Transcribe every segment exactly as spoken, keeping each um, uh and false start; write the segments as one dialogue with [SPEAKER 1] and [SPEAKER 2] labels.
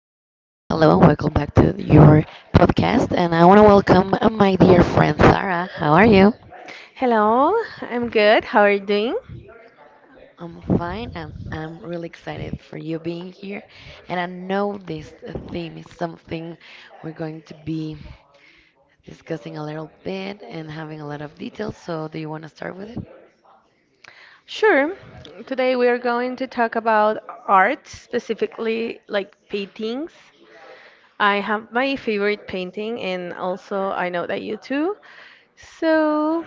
[SPEAKER 1] Hello and welcome back to your podcast. And I want to welcome uh, my dear friend Sarah. How are you?
[SPEAKER 2] Hello, I'm good. How are you doing?
[SPEAKER 1] I'm fine and I'm really excited for you being here. And I know this uh, theme is something we're going to be discussing a little bit and having a lot of details. So, do you want to start with it?
[SPEAKER 2] Sure. Today we are going to talk about art, specifically like paintings. I have my favorite painting, and also I know that you too. So,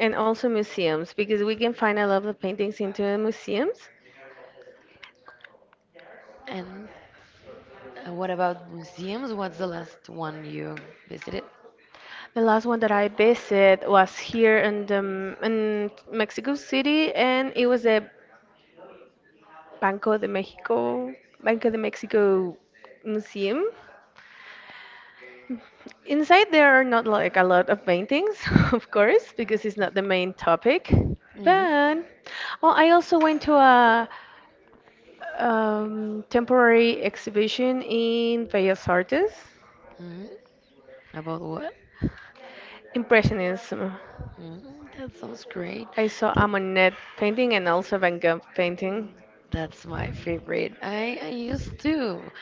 [SPEAKER 2] and also museums, because we can find a lot of paintings into the museums.
[SPEAKER 1] And uh, what about museums? What's the last one you visited?
[SPEAKER 2] The last one that I visited was here in the, in Mexico City, and it was the Banco de Mexico, Banco de Mexico Museum. Inside, there are not like a lot of paintings, of course, because it's not the main topic.
[SPEAKER 1] Hmm.
[SPEAKER 2] But oh, I also went to a um, temporary exhibition in Bellas Artes,
[SPEAKER 1] Hmm. About what?
[SPEAKER 2] Impressionism.
[SPEAKER 1] Hmm. That sounds great.
[SPEAKER 2] I saw a
[SPEAKER 1] L-
[SPEAKER 2] Monet painting and also Van Gogh painting.
[SPEAKER 1] That's my favorite. I, I used to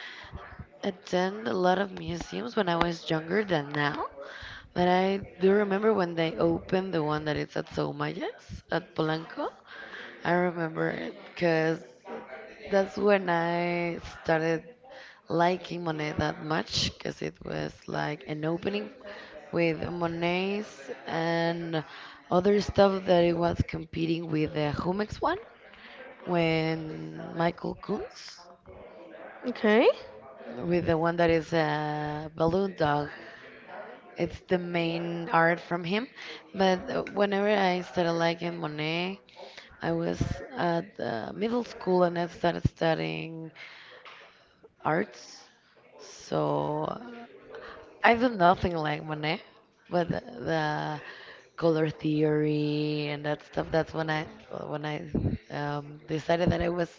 [SPEAKER 1] attend a lot of museums when I was younger than now, but I do remember when they opened the one that is at Soumayas at Polanco. I remember it because that's when I started liking Monet that much because it was like an opening with Monets and other stuff that it was competing with the Jumex one when Michael Kunz
[SPEAKER 2] Okay.
[SPEAKER 1] with the one that is a balloon dog. It's the main art from him. But uh, whenever I started liking Monet, I was at uh, middle school and I started studying arts. So, uh, I do nothing like Monet, but the, the color theory and that stuff. That's when I when I um, decided that I was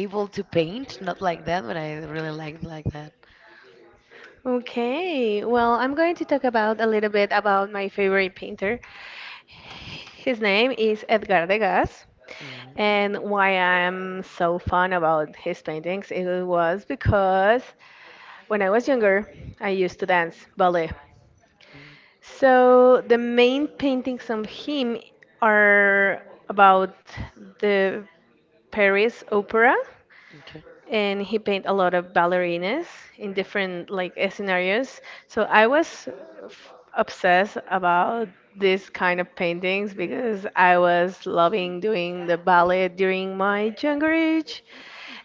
[SPEAKER 1] able to paint. Not like that, but I really liked like that.
[SPEAKER 2] Okay. Well, I'm going to talk about a little bit about my favorite painter. His name is Edgar Degas.
[SPEAKER 1] Mm.
[SPEAKER 2] And why I'm so fond about his paintings, it was because when I was younger, I used to dance ballet.
[SPEAKER 1] Mm.
[SPEAKER 2] So the main paintings of him are about the Paris Opera,
[SPEAKER 1] Okay.
[SPEAKER 2] and he paint a lot of ballerinas in different like eh, scenarios. So I was f- obsessed about this kind of paintings because I was loving doing the ballet during my younger age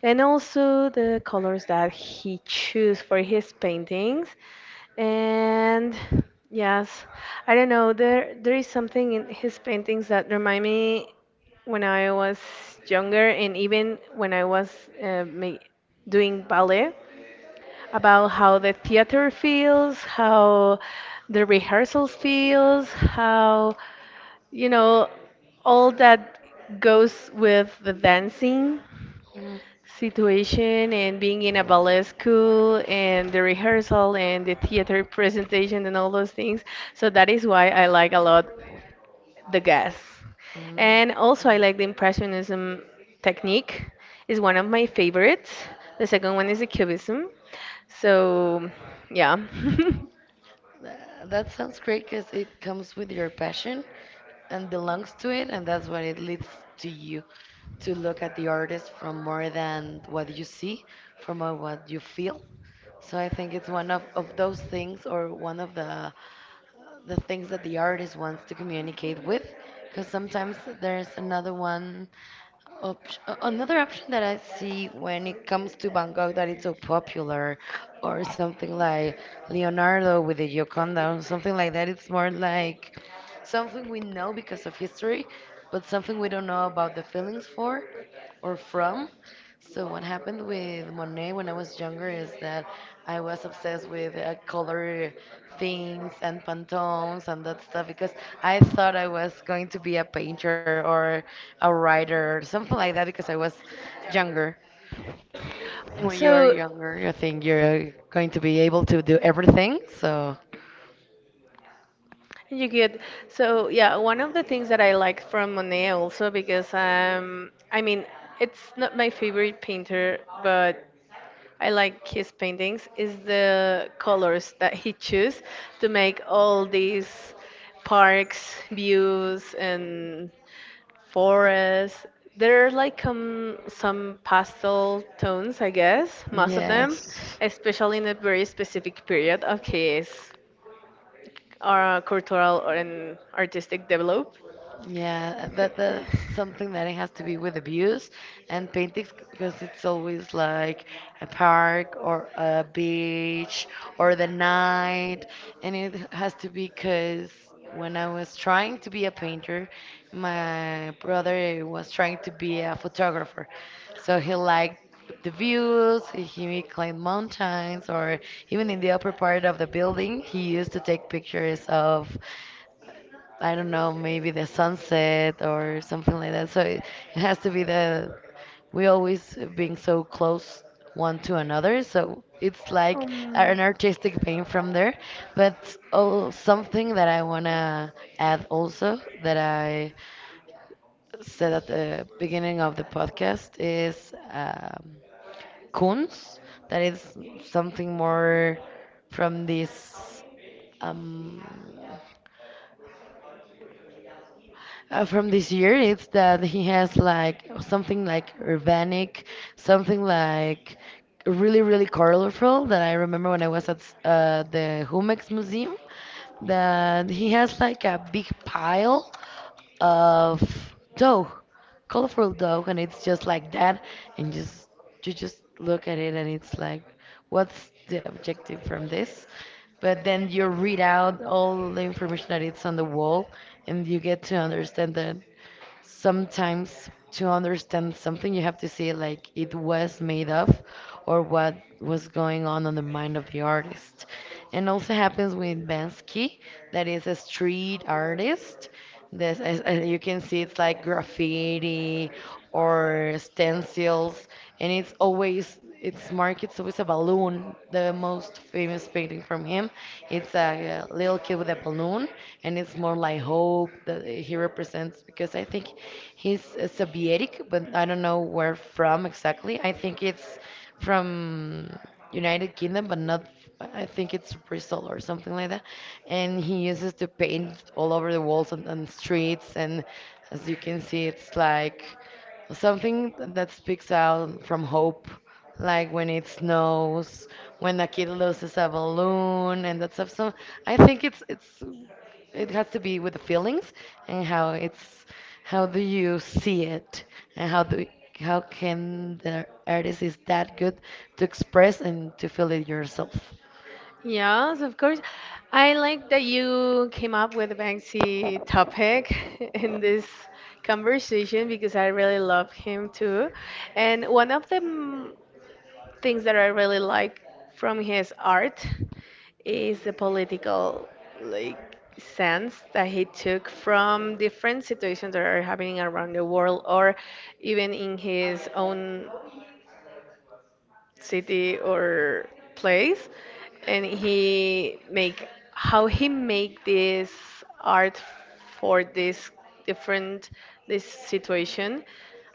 [SPEAKER 2] and also the colors that he choose for his paintings and yes, I don't know, there there is something in his paintings that remind me when I was younger and even when I was uh, ma- doing ballet, about how the theater feels, how the rehearsals feels, how you know all that goes with the dancing
[SPEAKER 1] Mm.
[SPEAKER 2] situation and being in a ballet school and the rehearsal and the theater presentation and all those things. So that is why I like a lot the gas. And
[SPEAKER 1] Mm.
[SPEAKER 2] also I like the impressionism technique is one of my favorites. The second one is the cubism. So yeah.
[SPEAKER 1] Tha- That sounds great because it comes with your passion and belongs to it, and that's what it leads to you to look at the artist from more than what you see, from uh, what you feel. So I think it's one of, of those things, or one of the the things that the artist wants to communicate with, because sometimes there's another one Opt- a- another option that I see when it comes to Bangkok that is so popular, or something like Leonardo with the Gioconda, or something like that. It's more like something we know because of history, but something we don't know about the feelings for or from. So what happened with Monet when I was younger is that I was obsessed with uh, color themes and Pantones and that stuff because I thought I was going to be a painter or a writer or something like that because I was younger. And when you are
[SPEAKER 2] So
[SPEAKER 1] younger, you think you're going to be able to do everything. So
[SPEAKER 2] you get, so yeah. One of the things that I like from Monet also, because um I mean it's not my favorite painter, but I like his paintings, is the colors that he choose to make all these parks, views, and forests. There are like um, some pastel tones, I guess, most of them,
[SPEAKER 1] yes.
[SPEAKER 2] especially in a very specific period of his uh, cultural or and artistic develop.
[SPEAKER 1] Yeah, that that's something that it has to be with abuse and paintings because it's always like a park or a beach or the night, and it has to be because when I was trying to be a painter, my brother was trying to be a photographer, so he liked the views. He climbed mountains or even in the upper part of the building, he used to take pictures of. I don't know, maybe the sunset or something like that. So it, it has to be the we always being so close one to another. So it's like an artistic pain from there. But oh, something that I wanna add also that I said at the beginning of the podcast is um, Kunst. That is something more from this. Um, Uh, from this year, it's that he has like something like urbanic, something like really, really colorful that I remember when I was at s- uh, the Humex Museum, that he has like a big pile of dough, colorful dough, and it's just like that, and just you just look at it and it's like, what's the objective from this? But then you read out all the information that it's on the wall, and you get to understand that sometimes to understand something you have to see like it was made of or what was going on on the mind of the artist. And also happens with bansky that is a street artist. This, as, as you can see, it's like graffiti or stencils, and it's always its mark. It's always a balloon. The most famous painting from him, it's a, uh little kid with a balloon, and it's more like hope that he represents because I think he's uh, Soviet, but I don't know where from exactly. I think it's from United Kingdom, but not. I think it's Bristol or something like that. And he uses to paint all over the walls and, and streets, and as you can see, it's like something that speaks out from hope, like when it snows, when a kid loses a balloon and that stuff. So i think it's it's it has to be with the feelings and how it's how do you see it and how do how can the artist is that good to express and to feel it yourself.
[SPEAKER 2] Yes, of course. I like that you came up with the Banksy topic in this conversation because I really love him too. And one of the mm, things that I really like from his art is the political like sense that he took from different situations that are happening around the world or even in his own city or place, and he make, how he make this art for this different this situation.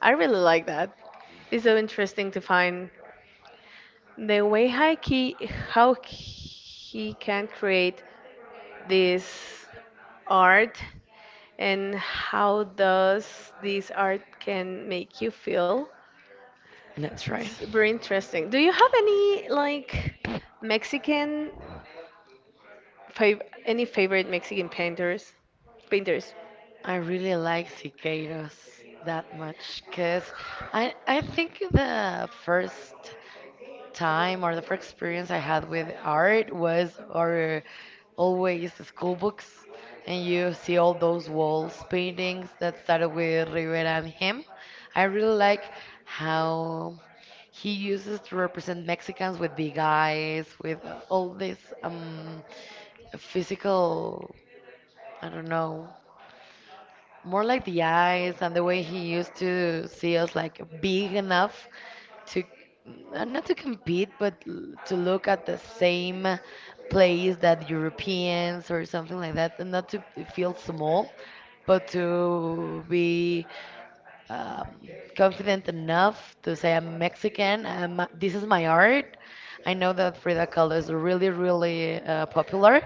[SPEAKER 2] I really like that. It's so interesting to find the way how he, how he can create this art and how does this art can make you feel.
[SPEAKER 1] That's right.
[SPEAKER 2] It's very interesting. Do you have any like Mexican fav any favorite Mexican painters? Painters.
[SPEAKER 1] I really like cicadas that much because I, I think the first time or the first experience I had with art was our always school books, and you see all those walls paintings that started with Rivera and him. I really like how he uses to represent Mexicans with big eyes, with uh, all this um, physical, I don't know, more like the eyes and the way he used to see us like big enough to uh, not to compete, but l- to look at the same place that Europeans or something like that, and not to feel small, but to be um, confident enough to say I'm Mexican. I'm, this is my art. I know that Frida Kahlo is really, really uh, popular,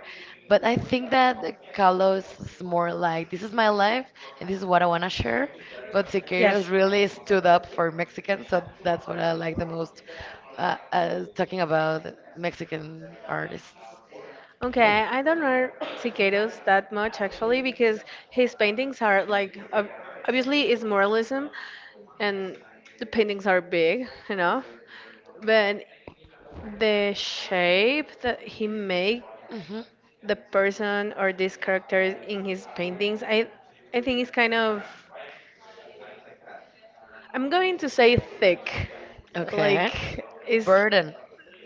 [SPEAKER 1] but I think that Kahlo is more like this is my life and this is what I want to share. But
[SPEAKER 2] Yes.
[SPEAKER 1] Siqueiros really stood up for Mexicans, so that's what I like the most. Uh, uh, talking about Mexican artists.
[SPEAKER 2] Okay, I don't know Siqueiros that much actually because his paintings are like ob- obviously it's moralism, and the paintings are big enough, but the shape that he make
[SPEAKER 1] Hmm.
[SPEAKER 2] the person or these characters in his paintings, I I think it's kind of, I'm going to say thick,
[SPEAKER 1] Okay.
[SPEAKER 2] like is.
[SPEAKER 1] Burden.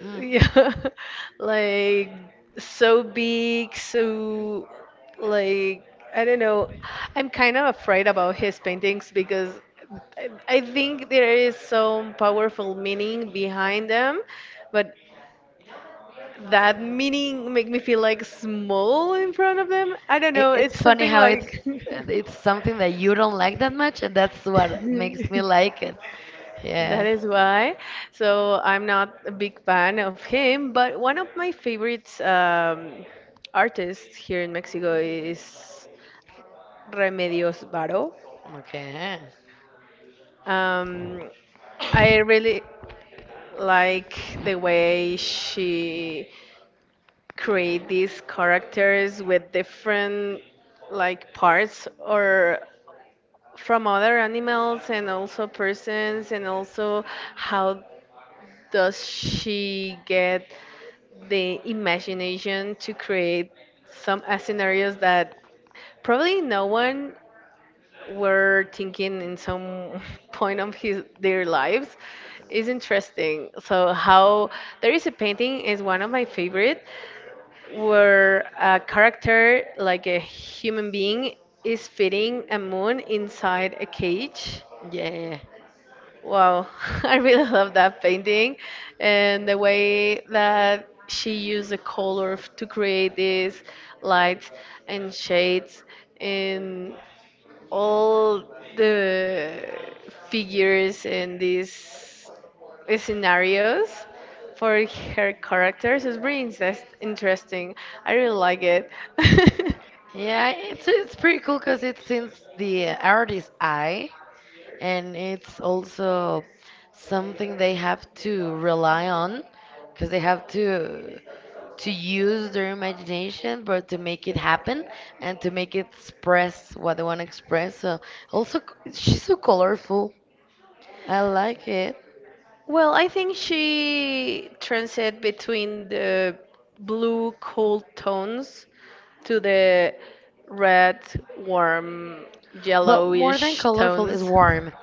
[SPEAKER 1] Mm.
[SPEAKER 2] Yeah, like so big, so like, I don't know. I'm kind of afraid about his paintings because I, I think there is some powerful meaning behind them, but that meaning make me feel like small in front of them. I don't
[SPEAKER 1] It,
[SPEAKER 2] know. It's
[SPEAKER 1] it's funny
[SPEAKER 2] something
[SPEAKER 1] how it's
[SPEAKER 2] like.
[SPEAKER 1] it's something that you don't like that much, and that's what makes me like it.
[SPEAKER 2] That
[SPEAKER 1] Yeah.
[SPEAKER 2] is why. So I'm not a big fan of him, but one of my favorites um, artists here in Mexico is Remedios Varo.
[SPEAKER 1] Okay.
[SPEAKER 2] Um, I really like the way she create these characters with different like parts or from other animals and also persons, and also how does she get the imagination to create some uh, scenarios that probably no one were thinking in some point of his their lives is interesting. So how, there is a painting, is one of my favorite, where a character like a human being is fitting a moon inside a cage.
[SPEAKER 1] Yeah. Yeah.
[SPEAKER 2] Wow, I really love that painting and the way that she used the color f- to create these lights and shades and all the figures and these scenarios for her characters is really interest- interesting. I really like it.
[SPEAKER 1] Yeah, It's it's pretty cool because it's since the artist's eye, and it's also something they have to rely on because they have to to use their imagination, but to make it happen and to make it express what they want to express. So also, c- she's so colorful. I like it.
[SPEAKER 2] Well, I think she transit between the blue cool tones to the red, warm,
[SPEAKER 1] Well, more than
[SPEAKER 2] yellowish
[SPEAKER 1] colorful is
[SPEAKER 2] tones.
[SPEAKER 1] warmth.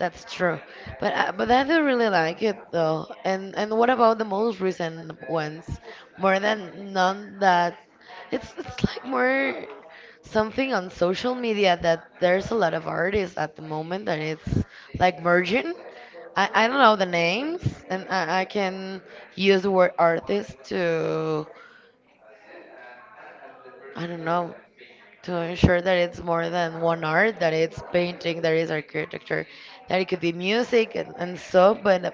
[SPEAKER 1] That's true. But I, but I do really like it though. And and what about the most recent ones? More than none that it's it's like more something on social media that there's a lot of artists at the moment, and it's like merging. I, I don't know the names, and I, I can use the word artist to I don't know to ensure that it's more than one art, that it's painting, there is architecture, that it could be music and, and so. But uh,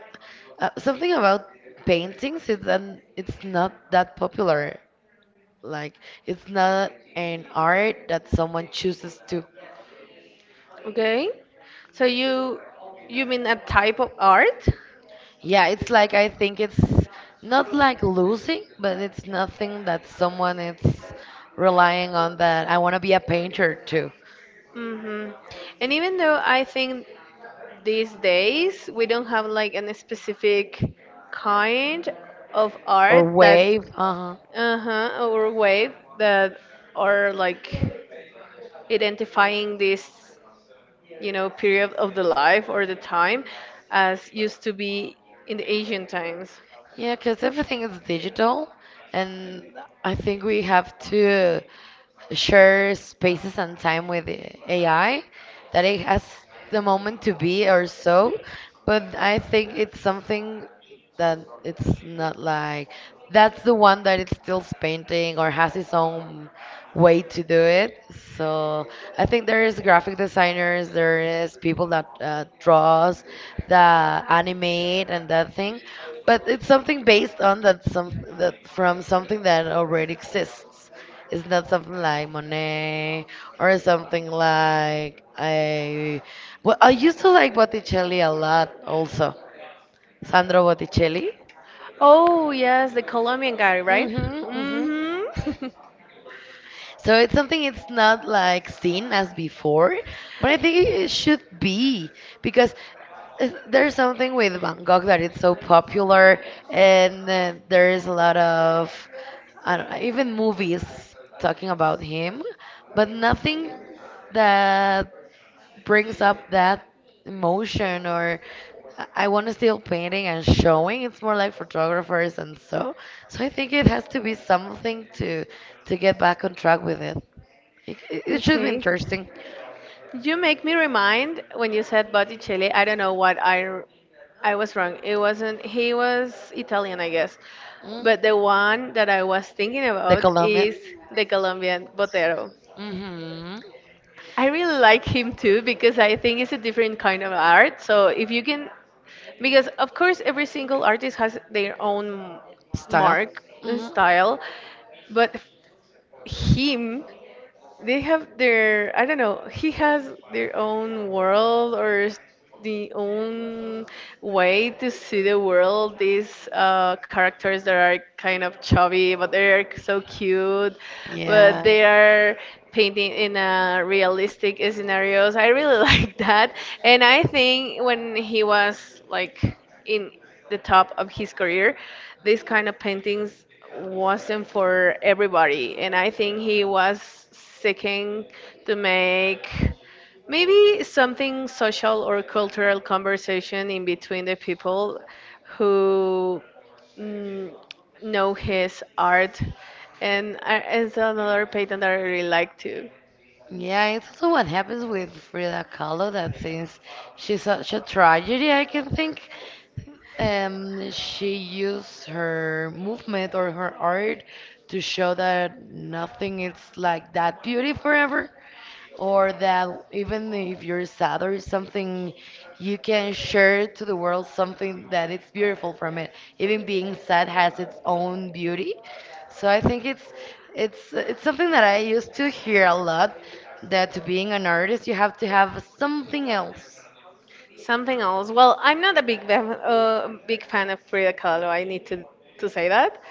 [SPEAKER 1] uh, something about paintings is that it's not that popular. Like it's not an art that someone chooses to.
[SPEAKER 2] Okay. So you you mean a type of art?
[SPEAKER 1] Yeah, it's like I think it's not like losing, but it's nothing that someone is relying on that I want to be a painter too
[SPEAKER 2] Hmm. And even though I think these days we don't have like any specific kind of
[SPEAKER 1] or
[SPEAKER 2] art that,
[SPEAKER 1] wave. Uh-huh.
[SPEAKER 2] uh-huh, or way, that are like identifying this you know period of the life or the time as used to be in the ancient times.
[SPEAKER 1] Yeah, because everything is digital, and I think we have to share spaces and time with the A I, that it has the moment to be or so, but I think it's something that it's not like that's the one that it's still painting or has its own way to do it. So I think there is graphic designers, there is people that uh, draws, that animate and that thing. But it's something based on that some that from something that already exists. It's not something like Monet or something like I. Well, I used to like Botticelli a lot. Also, Sandro Botticelli.
[SPEAKER 2] Oh yes, the Colombian guy, right?
[SPEAKER 1] Mhm, mhm.
[SPEAKER 2] Mm-hmm.
[SPEAKER 1] So it's something it's not like seen as before, but I think it should be because is- there's something with Bangkok that it's so popular, and uh, there is a lot of I don't know, even movies talking about him, but nothing that brings up that emotion or I I want to still painting and showing. It's more like photographers and so. So I think it has to be something to to get back on track with it. It, it it should be
[SPEAKER 2] Okay.
[SPEAKER 1] interesting.
[SPEAKER 2] You make me remind when you said Botticelli. I don't know what I r- I was wrong. It wasn't, he was Italian, I guess.
[SPEAKER 1] Mm,
[SPEAKER 2] But the one that I was thinking
[SPEAKER 1] the
[SPEAKER 2] about
[SPEAKER 1] Colombian.
[SPEAKER 2] is the Colombian Botero.
[SPEAKER 1] Mm hmm.
[SPEAKER 2] I really like him too because I think it's a different kind of art. So if you can, because of course every single artist has their own
[SPEAKER 1] Style.
[SPEAKER 2] mark
[SPEAKER 1] Mm
[SPEAKER 2] and
[SPEAKER 1] hmm.
[SPEAKER 2] style, but him, they have their, I don't know, he has their own world or s-, the own way to see the world. These uh, characters that are kind of chubby, but they're so cute, but
[SPEAKER 1] Yeah.
[SPEAKER 2] they are painting in a realistic scenarios. I really like that, and I think when he was like in the top of his career, this kind of paintings wasn't for everybody, and I think he was seeking to make maybe something social or cultural conversation in between the people who, mm, know his art. And uh, it's another painting that I really like too.
[SPEAKER 1] Yeah, it's also what happens with Frida Kahlo that since she's such a tragedy, I can think, um, she used her movement or her art to show that nothing is like that beauty forever, or that even if you're sad or something you can share to the world something that it's beautiful from it. Even being sad has its own beauty. So i think it's it's it's something that I used to hear a lot, that to being an artist you have to have something else.
[SPEAKER 2] Something else. Well, I'm not a big fan, uh, big fan of Frida Kahlo. I need to to say that,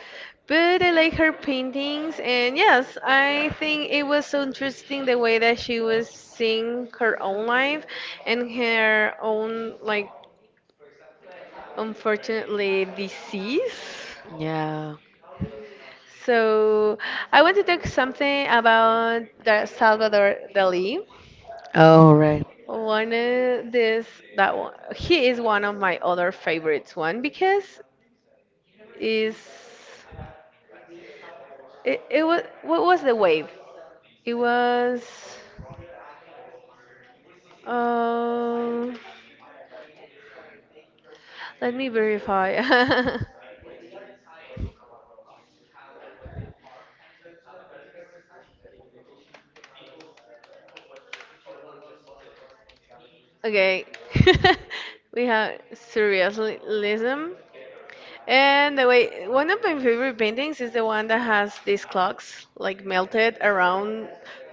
[SPEAKER 2] but I like her paintings, and yes, I think it was so interesting the way that she was seeing her own life and her own like unfortunately disease.
[SPEAKER 1] Yeah.
[SPEAKER 2] So I want to talk something about the Salvador Dali.
[SPEAKER 1] Oh right.
[SPEAKER 2] One of this, that one, he is one of my other favorites one because is, it, it was, what was the wave? It was um let me verify. Okay. We have surrealism, and the way one of my favorite paintings is the one that has these clocks like melted around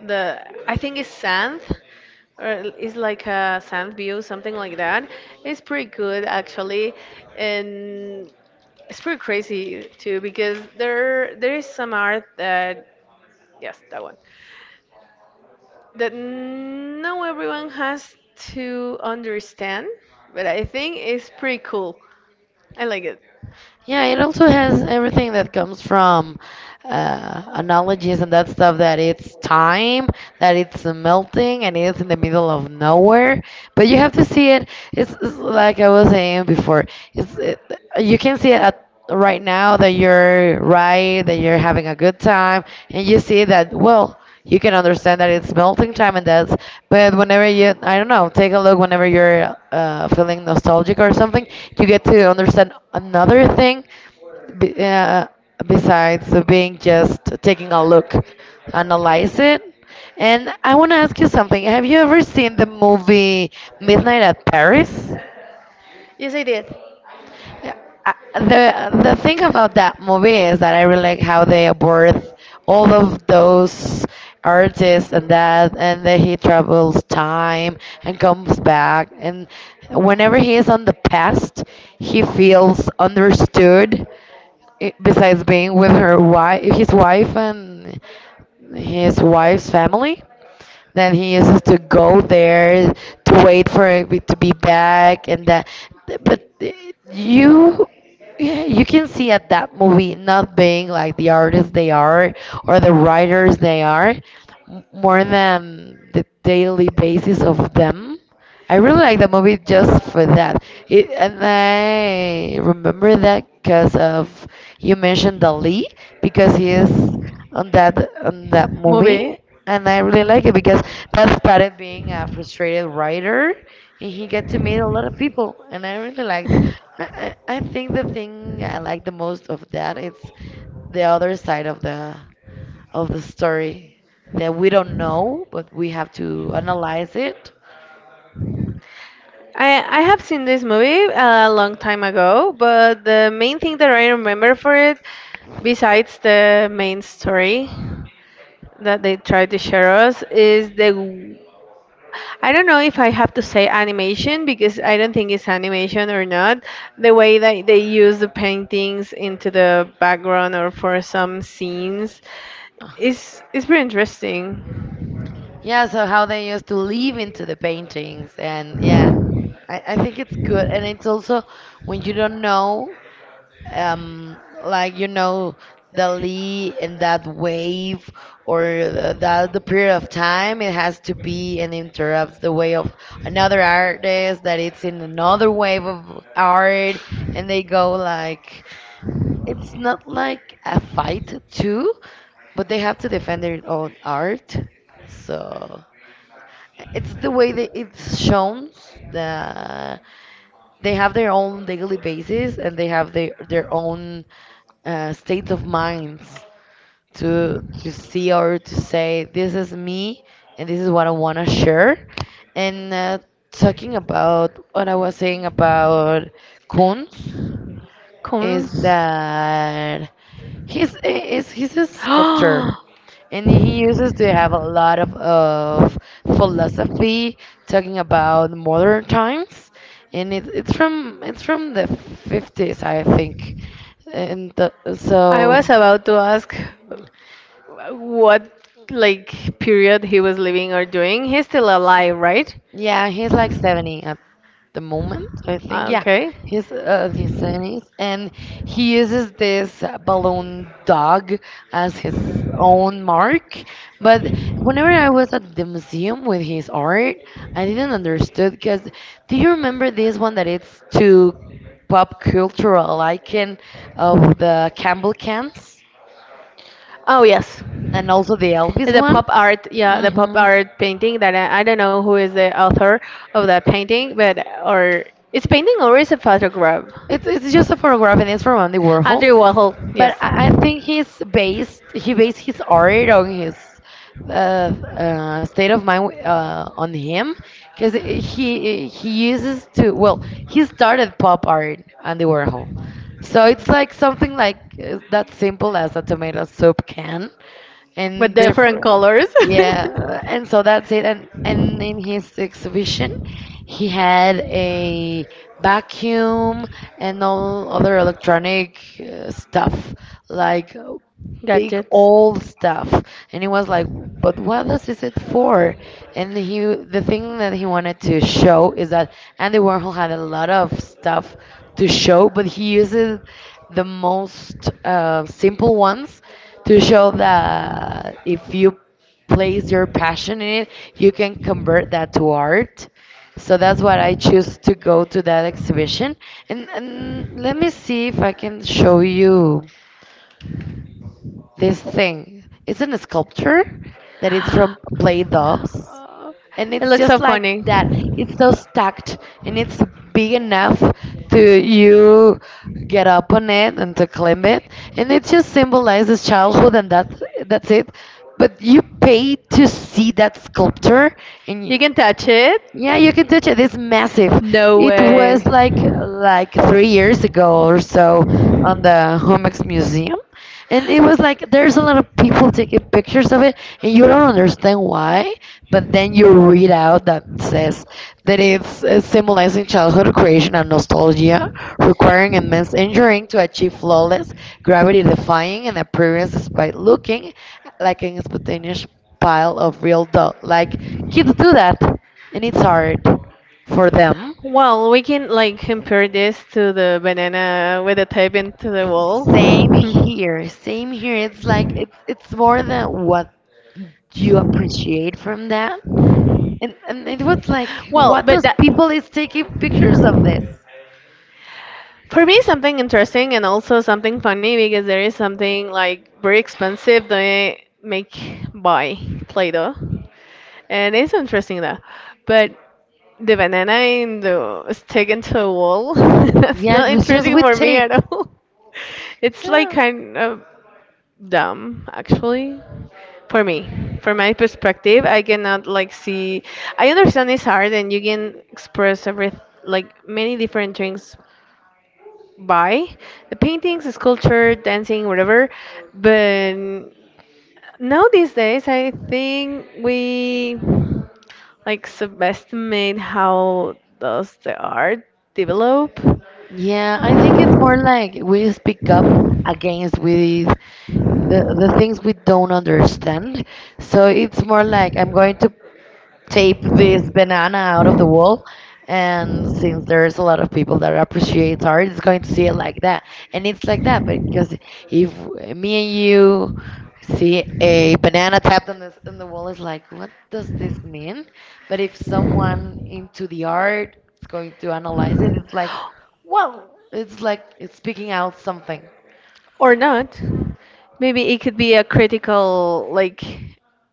[SPEAKER 2] the, I think it's sand or it's like a sand view, something like that. It's pretty good actually. And it's pretty crazy too because there there is some art that, yes, that one, that no everyone has to understand, but I think it's pretty cool. I like it.
[SPEAKER 1] Yeah, it also has everything that comes from uh, analogies and that stuff, that it's time, that it's melting, and it's in the middle of nowhere. But you have to see it. It's, it's like I was saying before. It's it, you can see it at right now, that you're right, that you're having a good time, and you see that, well, you can understand that it's melting time, and that's... but whenever you, I don't know, take a look whenever you're uh, feeling nostalgic or something, you get to understand another thing, be, uh, besides being just taking a look. Analyze it. And I want to ask you something: have you ever seen the movie Midnight at Paris?
[SPEAKER 2] Yes, I did.
[SPEAKER 1] Yeah, I- the the thing about that movie is that I really like how they abort all of those artists and that, and that he travels time and comes back, and whenever he is on the past, he feels understood. i- Besides being with her wife, his wife and his wife's family, then he used to go there to wait for it to be back, and that. But you, you can see at that movie, not being like the artists they are or the writers they are, m- more than the daily basis of them. I really like the movie just for that. It, and I remember that because of you mentioned Dali, because he is on that on that movie.
[SPEAKER 2] Movie.
[SPEAKER 1] And I really like it because Pat started being a frustrated writer, and he got to meet a lot of people, and I really like. I, I I think the thing I like the most of that is the other side of the of the story that we don't know, but we have to analyze it.
[SPEAKER 2] I I have seen this movie a long time ago, but the main thing that I remember for it, besides the main story that they tried to share us, is the, I don't know if I have to say animation because I don't think it's animation or not. The way that they use the paintings into the background or for some scenes is is pretty interesting.
[SPEAKER 1] Yeah, so how they used to leave into the paintings, and yeah, I, I think it's good, and it's also when you don't know, um like you know the lee and that wave, or the, that the period of time it has to be, and interrupts the way of another artist that it's in another wave of art, and they go like it's not like a fight too, but they have to defend their own art. So it's the way that it's shown, that they have their own daily basis, and they have their their own uh, states of minds to to see or to say, this is me, and this is what I want to share. And uh, talking about what I was saying about Kunz is
[SPEAKER 2] Cons.
[SPEAKER 1] that he's is he's a sculptor. And he uses to have a lot of, of philosophy, talking about modern times, and it, it's from it's from the fifties, I think.
[SPEAKER 2] I
[SPEAKER 1] And the, so...
[SPEAKER 2] was about to ask what like period he was living or doing. He's still alive, right?
[SPEAKER 1] Yeah, he's like seventy at the moment, I think. Yeah,
[SPEAKER 2] Okay.
[SPEAKER 1] he's uh, in his seventies, and he uses this uh, balloon dog as his own mark. But whenever I was at the museum with his art, I didn't understood, because do you remember this one that it's to pop cultural icon of the Campbell cans,
[SPEAKER 2] Oh yes.
[SPEAKER 1] and also the Elvis
[SPEAKER 2] The
[SPEAKER 1] one?
[SPEAKER 2] pop art, yeah, the pop
[SPEAKER 1] Mm-hmm.
[SPEAKER 2] art painting that I, I don't know who is the author of that painting, but or it's painting or is a photograph?
[SPEAKER 1] It's it's just a photograph, and it's from Andy Warhol.
[SPEAKER 2] Andrew Warhol, yes.
[SPEAKER 1] But I I think he's based he based his art on his uh, uh, state of mind uh, on him, because he he uses to, well, he started pop art Andy Warhol, so it's like something like uh, that simple as a tomato soup can, and
[SPEAKER 2] With different
[SPEAKER 1] different.
[SPEAKER 2] colors.
[SPEAKER 1] Yeah, and so that's it. And and in his exhibition, he had a vacuum and all other electronic uh, stuff, like uh, big
[SPEAKER 2] Gadgets.
[SPEAKER 1] old stuff. And he was like, but what else is it for? And he the thing that he wanted to show is that Andy Warhol had a lot of stuff to show, but he uses the most uh, simple ones, to show that if you place your passion in it, you can convert that to art. So that's what I choose to go to that exhibition. And, and let me see if I can show you this thing. It's in a sculpture that is from Play Dohs. And
[SPEAKER 2] It
[SPEAKER 1] it's
[SPEAKER 2] looks
[SPEAKER 1] just
[SPEAKER 2] so
[SPEAKER 1] like
[SPEAKER 2] funny.
[SPEAKER 1] that. It's so stacked, and it's big enough to you get up on it and to climb it. And it just symbolizes childhood, and that, that's it. But you pay to see that sculpture, and
[SPEAKER 2] You can touch it?
[SPEAKER 1] yeah, you can touch it. It's massive.
[SPEAKER 2] No
[SPEAKER 1] It was like like three years ago or so, on the Homex Museum, and it was like there's a lot of people taking
[SPEAKER 2] way.
[SPEAKER 1] pictures of it, and you don't understand why. But then you read out that says that it's uh, symbolizing childhood creation and nostalgia, requiring immense engineering to achieve flawless, gravity-defying an appearance, despite looking like an spontaneous pile of real dough. Like kids do that, and it's hard for them.
[SPEAKER 2] Well, we can like compare this to the banana with the tape into the wall.
[SPEAKER 1] Same here, same here. It's like, it's it's more than what you appreciate from that. And and it was like,
[SPEAKER 2] Well,
[SPEAKER 1] what
[SPEAKER 2] but
[SPEAKER 1] does
[SPEAKER 2] that
[SPEAKER 1] people is taking pictures of this?
[SPEAKER 2] for me something interesting and also something funny because there is something like very expensive they make by Play-Doh, and it's interesting though. But the banana in the stick into a wall. That's
[SPEAKER 1] Yeah, it
[SPEAKER 2] not
[SPEAKER 1] was just
[SPEAKER 2] interesting
[SPEAKER 1] with
[SPEAKER 2] for me at
[SPEAKER 1] tape.
[SPEAKER 2] all. It's like
[SPEAKER 1] Yeah.
[SPEAKER 2] kind of dumb, actually. For me, from my perspective, I cannot like see. I understand it's hard, and you can express every like many different things by the paintings, sculpture, dancing, whatever. But now these days, I think we like subestimate how does the art develop
[SPEAKER 1] Yeah, I think it's more like we speak up against with the the things we don't understand. So it's more like, I'm going to tape this banana out of the wall, and since there's a lot of people that appreciate art, it's going to see it like that. And it's like that, but because if me and you see a banana tapped on this, on the wall, it's like, what does this mean? But if someone into the art is going to analyze it, it's like, whoa, it's like it's speaking out something.
[SPEAKER 2] or not. Maybe it could be a critical like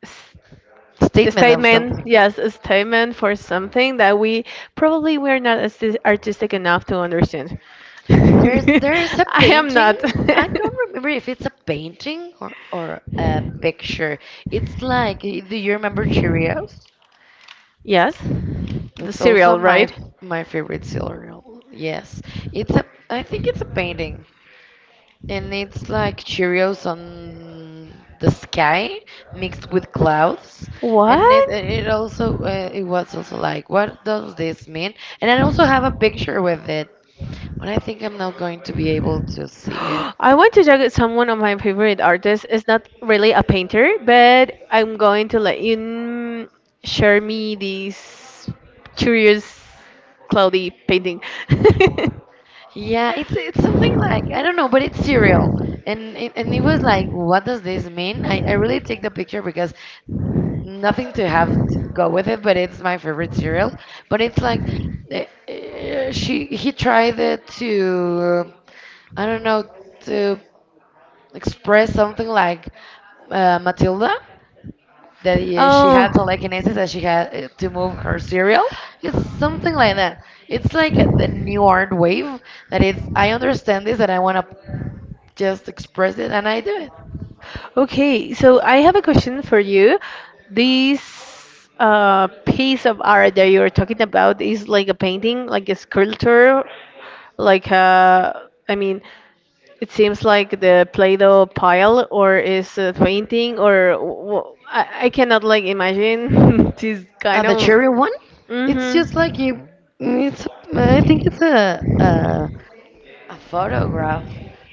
[SPEAKER 2] s-
[SPEAKER 1] Statement of
[SPEAKER 2] statement,
[SPEAKER 1] something.
[SPEAKER 2] yes, a statement for something that we probably we're not as artistic enough to understand.
[SPEAKER 1] There's there's a
[SPEAKER 2] I am
[SPEAKER 1] painting.
[SPEAKER 2] not.
[SPEAKER 1] I don't remember if it's a painting or or a picture. It's like, eh, do you remember Cheerios?
[SPEAKER 2] Yes, the
[SPEAKER 1] It's also
[SPEAKER 2] cereal,
[SPEAKER 1] my
[SPEAKER 2] right?
[SPEAKER 1] my favorite cereal. Yes, it's a. I think it's a painting, and it's like Cheerios on the sky mixed with clouds, and it it also uh, it was also like, what does this
[SPEAKER 2] What?
[SPEAKER 1] mean? And I also have a picture with it, but I think I'm not going to be able to see it.
[SPEAKER 2] I want to talk with someone of my favorite artists. It's not really a painter, but I'm going to let you mm, share me this curious cloudy painting.
[SPEAKER 1] Yeah, it's it's something like I don't know, but it's cereal, and it, and it was like, what does this mean? I, I really take the picture because nothing to have to go with it, but it's my favorite cereal. But it's like, eh, eh, she he tried it to, I don't know, to express something like uh, Matilda, that he, she
[SPEAKER 2] Oh.
[SPEAKER 1] had telekinesis, and she had uh, to move her cereal. It's something like that. It's like the new art wave that is. I understand this, and I want to just express it, and I do it.
[SPEAKER 2] Okay, so I have a question for you. This uh, piece of art that you're talking about is like a painting, like a sculpture, like a, I mean, it seems like the Play-Doh pile, or is a painting, or wh-, I, I cannot like imagine this
[SPEAKER 1] Uh,
[SPEAKER 2] kind
[SPEAKER 1] the
[SPEAKER 2] of.
[SPEAKER 1] cherry one, it's just like
[SPEAKER 2] Mm-hmm.
[SPEAKER 1] you. It's I think it's a, a A photograph.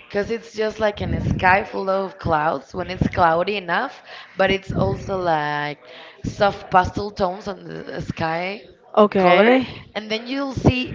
[SPEAKER 1] Because it's just like in a sky full of clouds when it's cloudy enough, but it's also like soft pastel tones on the sky color.
[SPEAKER 2] Okay.
[SPEAKER 1] And then you'll see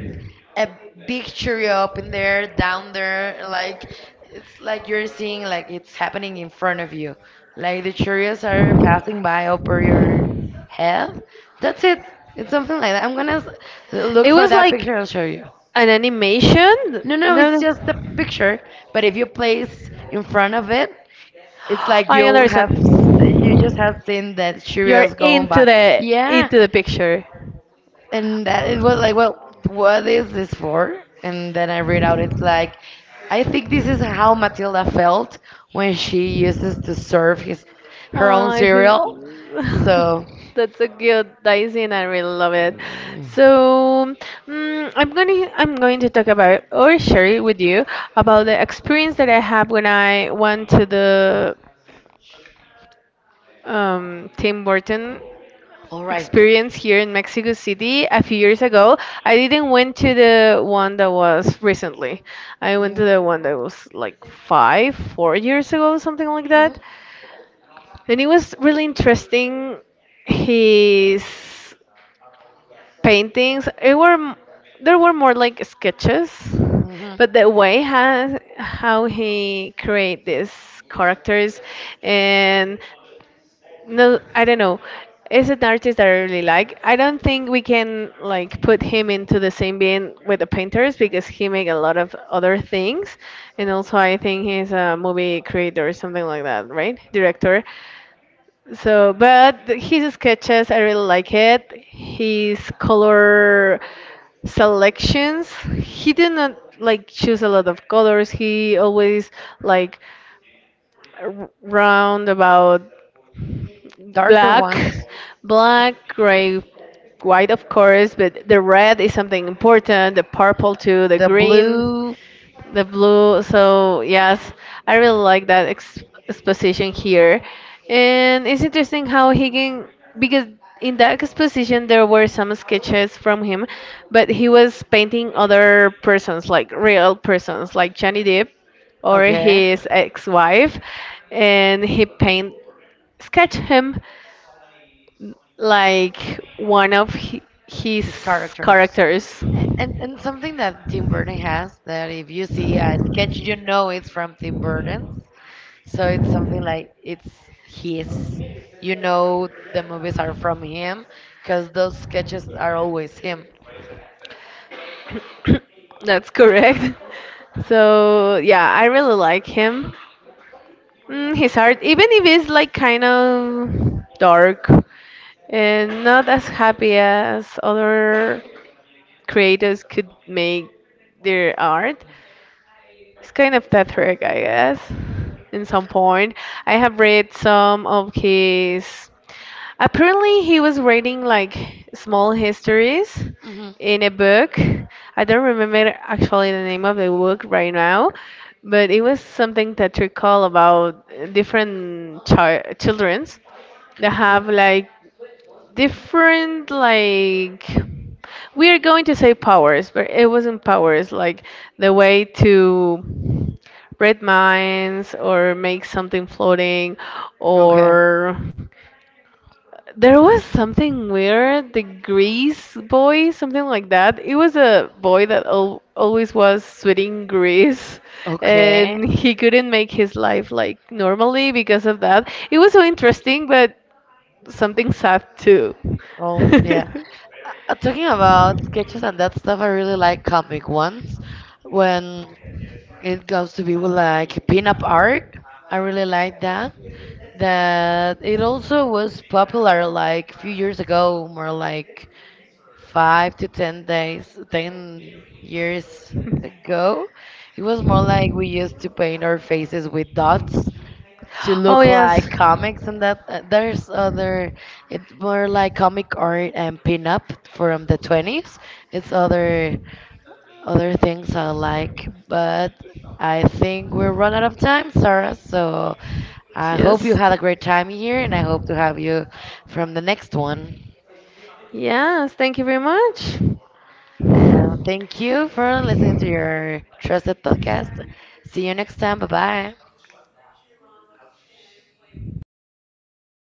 [SPEAKER 1] a big cherry up in there, down there, like it's like you're seeing like it's happening in front of you. Like the Cheerios are passing by over your head. That's it. It's something like that. I'm gonna s- look
[SPEAKER 2] It
[SPEAKER 1] for
[SPEAKER 2] was
[SPEAKER 1] that
[SPEAKER 2] like
[SPEAKER 1] picture, and I'll show you.
[SPEAKER 2] an animation.
[SPEAKER 1] No, no, it's
[SPEAKER 2] No, no.
[SPEAKER 1] just a picture, but if you place in front of it, it's like
[SPEAKER 2] I
[SPEAKER 1] you'll have,
[SPEAKER 2] understand.
[SPEAKER 1] you just have seen that
[SPEAKER 2] You're
[SPEAKER 1] Cheerios going
[SPEAKER 2] into
[SPEAKER 1] by.
[SPEAKER 2] the
[SPEAKER 1] Yeah,
[SPEAKER 2] into the picture.
[SPEAKER 1] and that it was like, well, what is this for? And then I read out, it's like, I think this is how Matilda felt when she uses to serve his
[SPEAKER 2] Oh,
[SPEAKER 1] her own
[SPEAKER 2] I should-
[SPEAKER 1] cereal. So,
[SPEAKER 2] that's a good daisy, I really love it.
[SPEAKER 1] mm,
[SPEAKER 2] So mm, I'm gonna I'm going to talk about or share it with you about the experience that I have when I went to the um, Tim Burton
[SPEAKER 1] all right.
[SPEAKER 2] experience here in Mexico City a few years ago. I didn't went to the one that was recently. I went to
[SPEAKER 1] Mm,
[SPEAKER 2] the one that was like five, four years ago, something like
[SPEAKER 1] mhm,
[SPEAKER 2] that. And it was really interesting. His paintings, it were m- there were more like sketches,
[SPEAKER 1] mhm.
[SPEAKER 2] but the way how how he create these characters and no, I don't know. It's an artist that I really like. I don't think we can like put him into the same bin with the painters because he make a lot of other things, and also I think he's a movie creator or something like that, right? Director. So, but th- his sketches, I really like it. His color selections, he did not like choose a lot of colors. He always like r- round about
[SPEAKER 1] Darker
[SPEAKER 2] black,
[SPEAKER 1] ones.
[SPEAKER 2] black, gray, white, of course, but the red is something important, the purple too, the
[SPEAKER 1] The
[SPEAKER 2] green,
[SPEAKER 1] blue.
[SPEAKER 2] the blue. So, yes, I really like that ex- exposition here. And it's interesting how he can, because in that exposition there were some sketches from him, but he was painting other persons, like real persons, like Johnny Depp or
[SPEAKER 1] Okay.
[SPEAKER 2] his ex wife, and he paint sketch him like one of hi- his
[SPEAKER 1] His characters.
[SPEAKER 2] characters.
[SPEAKER 1] A- And, and something that Tim Burton has, that if you see a sketch, you know it's from Tim Burton. So it's something like it's his. You know the movies are from him because those sketches are always him.
[SPEAKER 2] That's correct. So yeah, I really like him. Mm, his art, even if it's like kind of dark and not as happy as other creators could make their art, it's kind of Tetrick, I guess, in some point. I have read some of his. Apparently, he was writing like small histories
[SPEAKER 1] Hmm.
[SPEAKER 2] in a book. I don't remember actually the name of the book right now, but it was something Tetrick called about different chi children's that have like different like, we're going to say powers, but it wasn't powers, like the way to read minds or make something floating,
[SPEAKER 1] Okay.
[SPEAKER 2] or there was something weird, the grease boy, something like that. It was a boy that al always was sweating grease
[SPEAKER 1] Okay.
[SPEAKER 2] and he couldn't make his life like normally because of that. It was so interesting, but something sad too.
[SPEAKER 1] Oh, yeah. Uh, talking about sketches and that stuff, I really like comic ones. When it goes to be with like pin-up art, I really like that. That it also was popular like few years ago, more like five to ten days, ten years ago. It was more like we used to paint our faces with dots to
[SPEAKER 2] Oh,
[SPEAKER 1] look
[SPEAKER 2] yes.
[SPEAKER 1] like comics, and that uh, there's other, it's more like comic art and pin-up from the twenties. It's other other things I like, but I think we're run out of time, Sarah. So I hope you
[SPEAKER 2] Yes.
[SPEAKER 1] had a great time here, and I hope to have you from the next one.
[SPEAKER 2] Yes, thank you very much.
[SPEAKER 1] And thank you for listening to your trusted podcast. See you next time. Bye bye.